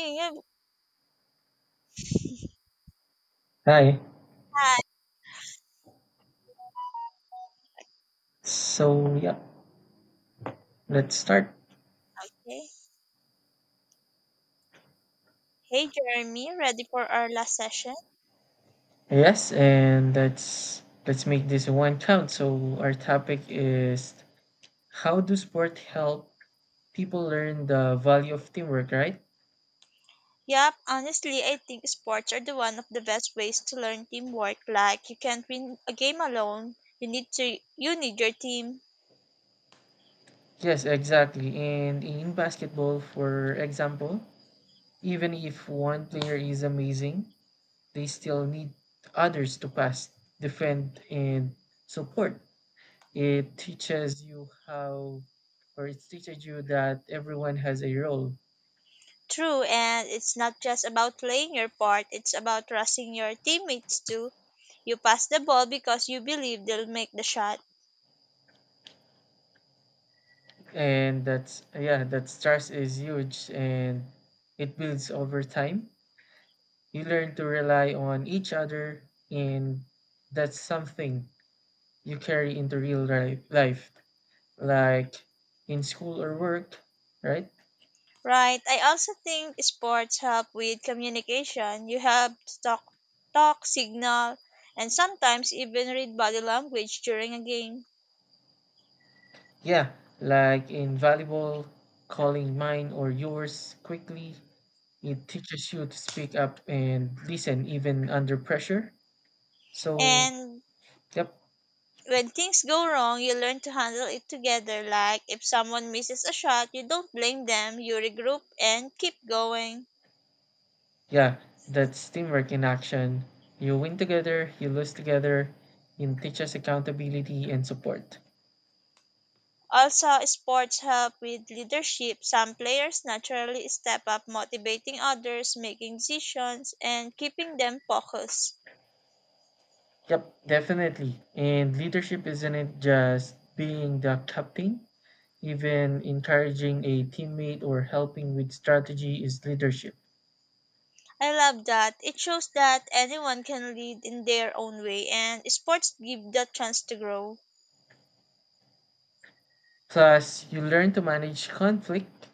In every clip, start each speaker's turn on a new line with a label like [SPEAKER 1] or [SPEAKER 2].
[SPEAKER 1] Okay, you've
[SPEAKER 2] Hi.
[SPEAKER 1] had
[SPEAKER 2] So yeah, let's start.
[SPEAKER 1] okay. Hey Jeremy, ready for our last session?
[SPEAKER 2] Yes, and let's make this one count. So our topic is how do sport help people learn the value of teamwork, right?
[SPEAKER 1] Yep, honestly, I think sports are the one of the best ways to learn teamwork. Like you can't win a game alone. You need your team.
[SPEAKER 2] Yes, exactly. And in basketball, for example, even if one player is amazing, they still need others to pass, defend, and support. It teaches you how, or it teaches you that everyone has a role.
[SPEAKER 1] True, and it's not just about playing your part, it's about trusting your teammates too. You pass the ball because you believe they'll make the shot.
[SPEAKER 2] And that's, yeah, that stress is huge, and it builds over time. You learn to rely on each other, and that's something you carry into life, like in school or work, right?
[SPEAKER 1] Right. I also think sports help with communication. You have to talk, signal, and sometimes even read body language during a game.
[SPEAKER 2] Yeah, like in volleyball, calling mine or yours quickly, it teaches you to speak up and listen even under pressure. So
[SPEAKER 1] And
[SPEAKER 2] yep.
[SPEAKER 1] when things go wrong, you learn to handle it together. Like if someone misses a shot, you don't blame them, you regroup and keep going.
[SPEAKER 2] Yeah, that's teamwork in action. You win together, you lose together, and teaches accountability and support.
[SPEAKER 1] Also, sports help with leadership. Some players naturally step up, motivating others, making decisions, and keeping them focused.
[SPEAKER 2] Yep, definitely. And leadership isn't just being the captain, even encouraging a teammate or helping with strategy is leadership.
[SPEAKER 1] I love that. It shows that anyone can lead in their own way and sports give that chance to grow.
[SPEAKER 2] Plus, you learn to manage conflict.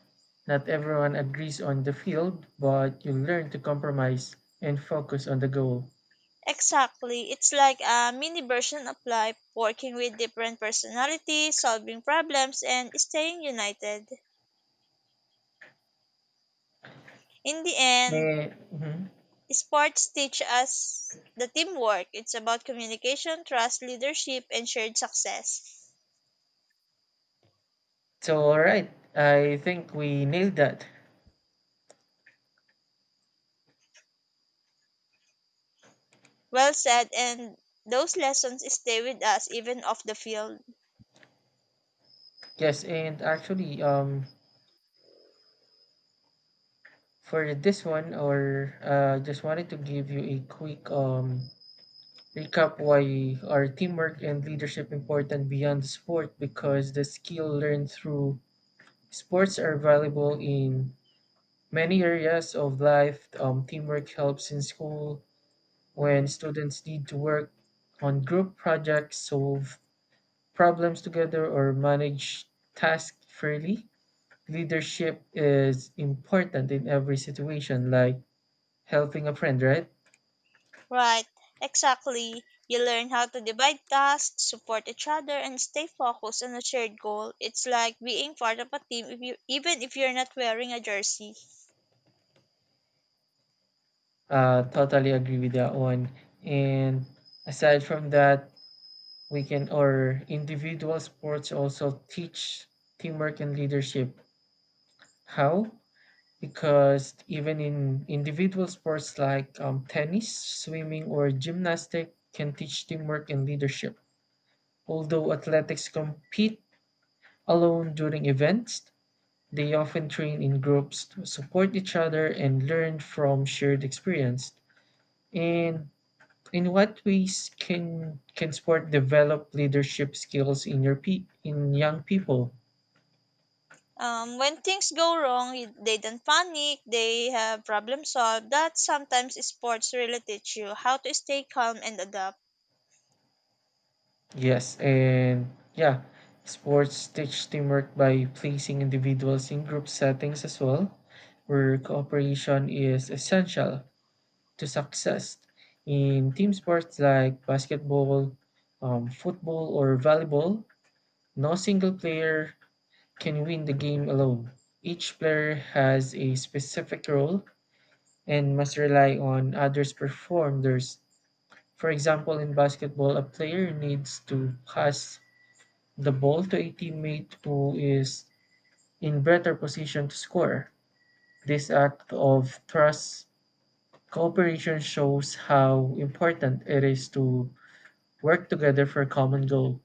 [SPEAKER 2] Not everyone agrees on the field, but you learn to compromise and focus on the goal.
[SPEAKER 1] Exactly. It's like a mini version of life, working with different personalities, solving problems, and staying united. In the end,
[SPEAKER 2] May, mhm.
[SPEAKER 1] sports teach us the teamwork. It's about communication, trust, leadership, and shared success.
[SPEAKER 2] So, all right, I think we nailed that.
[SPEAKER 1] Well said, and those lessons stay with us even off the field.
[SPEAKER 2] Yes, and actually, for this one, or just wanted to give you a quick recap why our teamwork and leadership important beyond sport, because the skill learned through sports are valuable in many areas of life. Teamwork helps in school when students need to work on group projects, solve problems together, or manage tasks fairly. Leadership is important in every situation, like helping a friend, right?
[SPEAKER 1] Right, exactly. You learn how to divide tasks, support each other, and stay focused on a shared goal. It's like being part of a team, if you, even if you're not wearing a jersey.
[SPEAKER 2] Totally agree with that one. And aside from that, we can, or individual sports also teach teamwork and leadership. How? Because even in individual sports like tennis, swimming, or gymnastic, can teach teamwork and leadership. Although athletics compete alone during events, they often train in groups to support each other and learn from shared experience. And in what ways can sport develop leadership skills in your in young people?
[SPEAKER 1] When things go wrong, they don't panic, they have problem solved. That sometimes sports really teach you how to stay calm and adapt.
[SPEAKER 2] Yes, and yeah, sports teach teamwork by placing individuals in group settings as well, where cooperation is essential to success. In team sports like basketball, football, or volleyball, no single player can win the game alone. Each player has a specific role and must rely on others perform theirs. For example, in basketball, a player needs to pass the ball to a teammate who is in better position to score. This act of trust cooperation shows how important it is to work together for a common goal.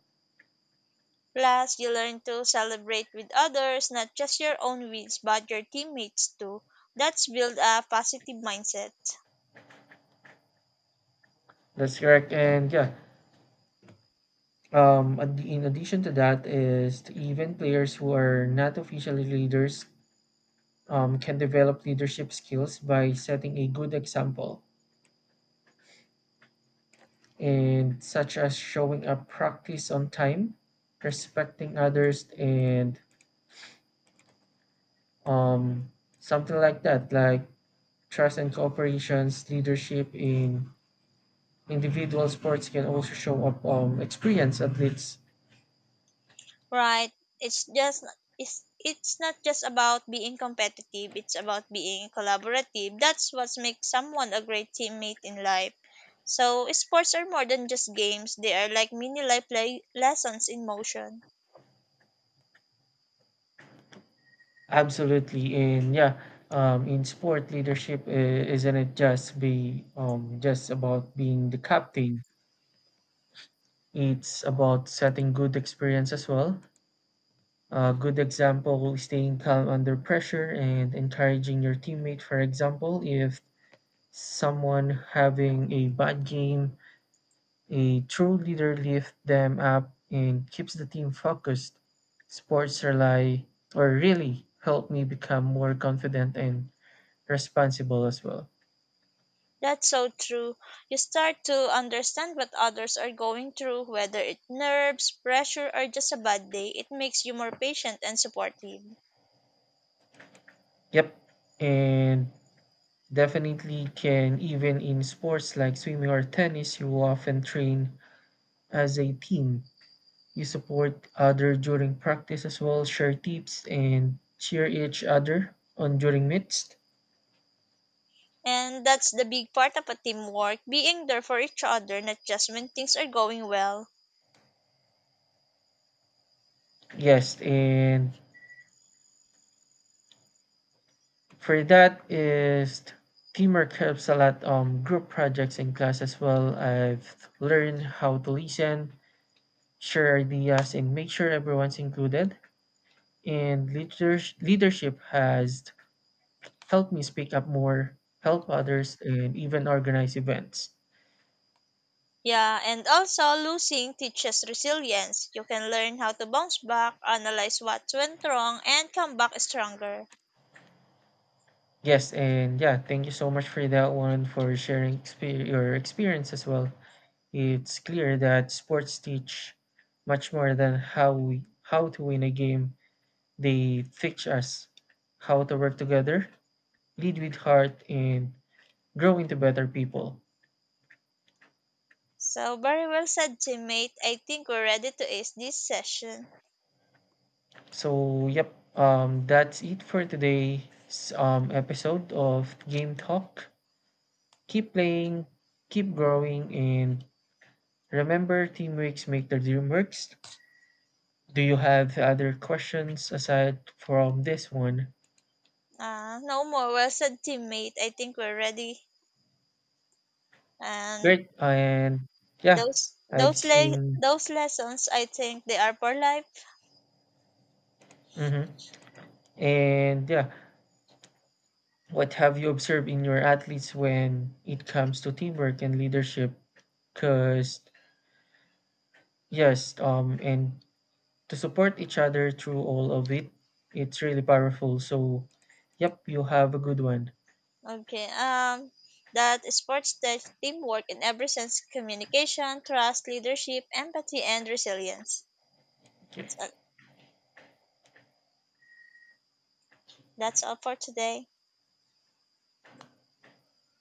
[SPEAKER 1] Plus, you learn to celebrate with others, not just your own wins, but your teammates too. That's build a positive mindset.
[SPEAKER 2] That's correct. And yeah, in addition to that, is even players who are not officially leaders can develop leadership skills by setting a good example, and such as showing up practice on time, respecting others, and something like that, like trust and cooperations, leadership in individual sports can also show up experience athletes.
[SPEAKER 1] Right. It's just it's not just about being competitive, it's about being collaborative. That's what makes someone a great teammate in life. So sports are more than just games. They are like mini life le lessons in motion.
[SPEAKER 2] Absolutely, and yeah, in sport leadership, isn't it just be just about being the captain? It's about setting good experience as well, a good example, staying calm under pressure, and encouraging your teammate. For example, if someone having a bad game, a true leader lifts them up and keeps the team focused. Sports rely or really help me become more confident and responsible as well.
[SPEAKER 1] That's so true. You start to understand what others are going through, whether it nerves, pressure, or just a bad day. It makes you more patient and supportive.
[SPEAKER 2] Yep. And definitely can even in sports like swimming or tennis, you often train as a team. You support other during practice as well, share tips and cheer each other on during meets.
[SPEAKER 1] And that's the big part of a teamwork, being there for each other, not just when things are going well.
[SPEAKER 2] Yes, and for that is teamwork helps a lot group projects in class as well. I've learned how to listen, share ideas and make sure everyone's included, and leadership has helped me speak up more, help others, and even organize events.
[SPEAKER 1] Yeah, and also losing teaches resilience. You can learn how to bounce back, analyze what went wrong, and come back stronger.
[SPEAKER 2] Yes, and yeah, thank you so much for that one for sharing your experience as well. It's clear that sports teach much more than how to win a game. They teach us how to work together, lead with heart, and grow into better people.
[SPEAKER 1] So, very well said, teammate. I think we're ready to ace this session.
[SPEAKER 2] So, yep, that's it for today's episode of Game Talk. Keep playing, keep growing, and remember teamworks make the dream works. Do you have other questions aside from this one?
[SPEAKER 1] No more well said, teammate. I think we're ready. And
[SPEAKER 2] Great. And yeah,
[SPEAKER 1] those
[SPEAKER 2] I've
[SPEAKER 1] those le-
[SPEAKER 2] seen.
[SPEAKER 1] those lessons, I think they are for life.
[SPEAKER 2] Hmm. And yeah, what have you observed in your athletes when it comes to teamwork and leadership? Because, yes, and to support each other through all of it. It's really powerful. So, yep, you have a good one.
[SPEAKER 1] Okay. That sports teach teamwork in every sense: communication, trust, leadership, empathy, and resilience. That's all for today.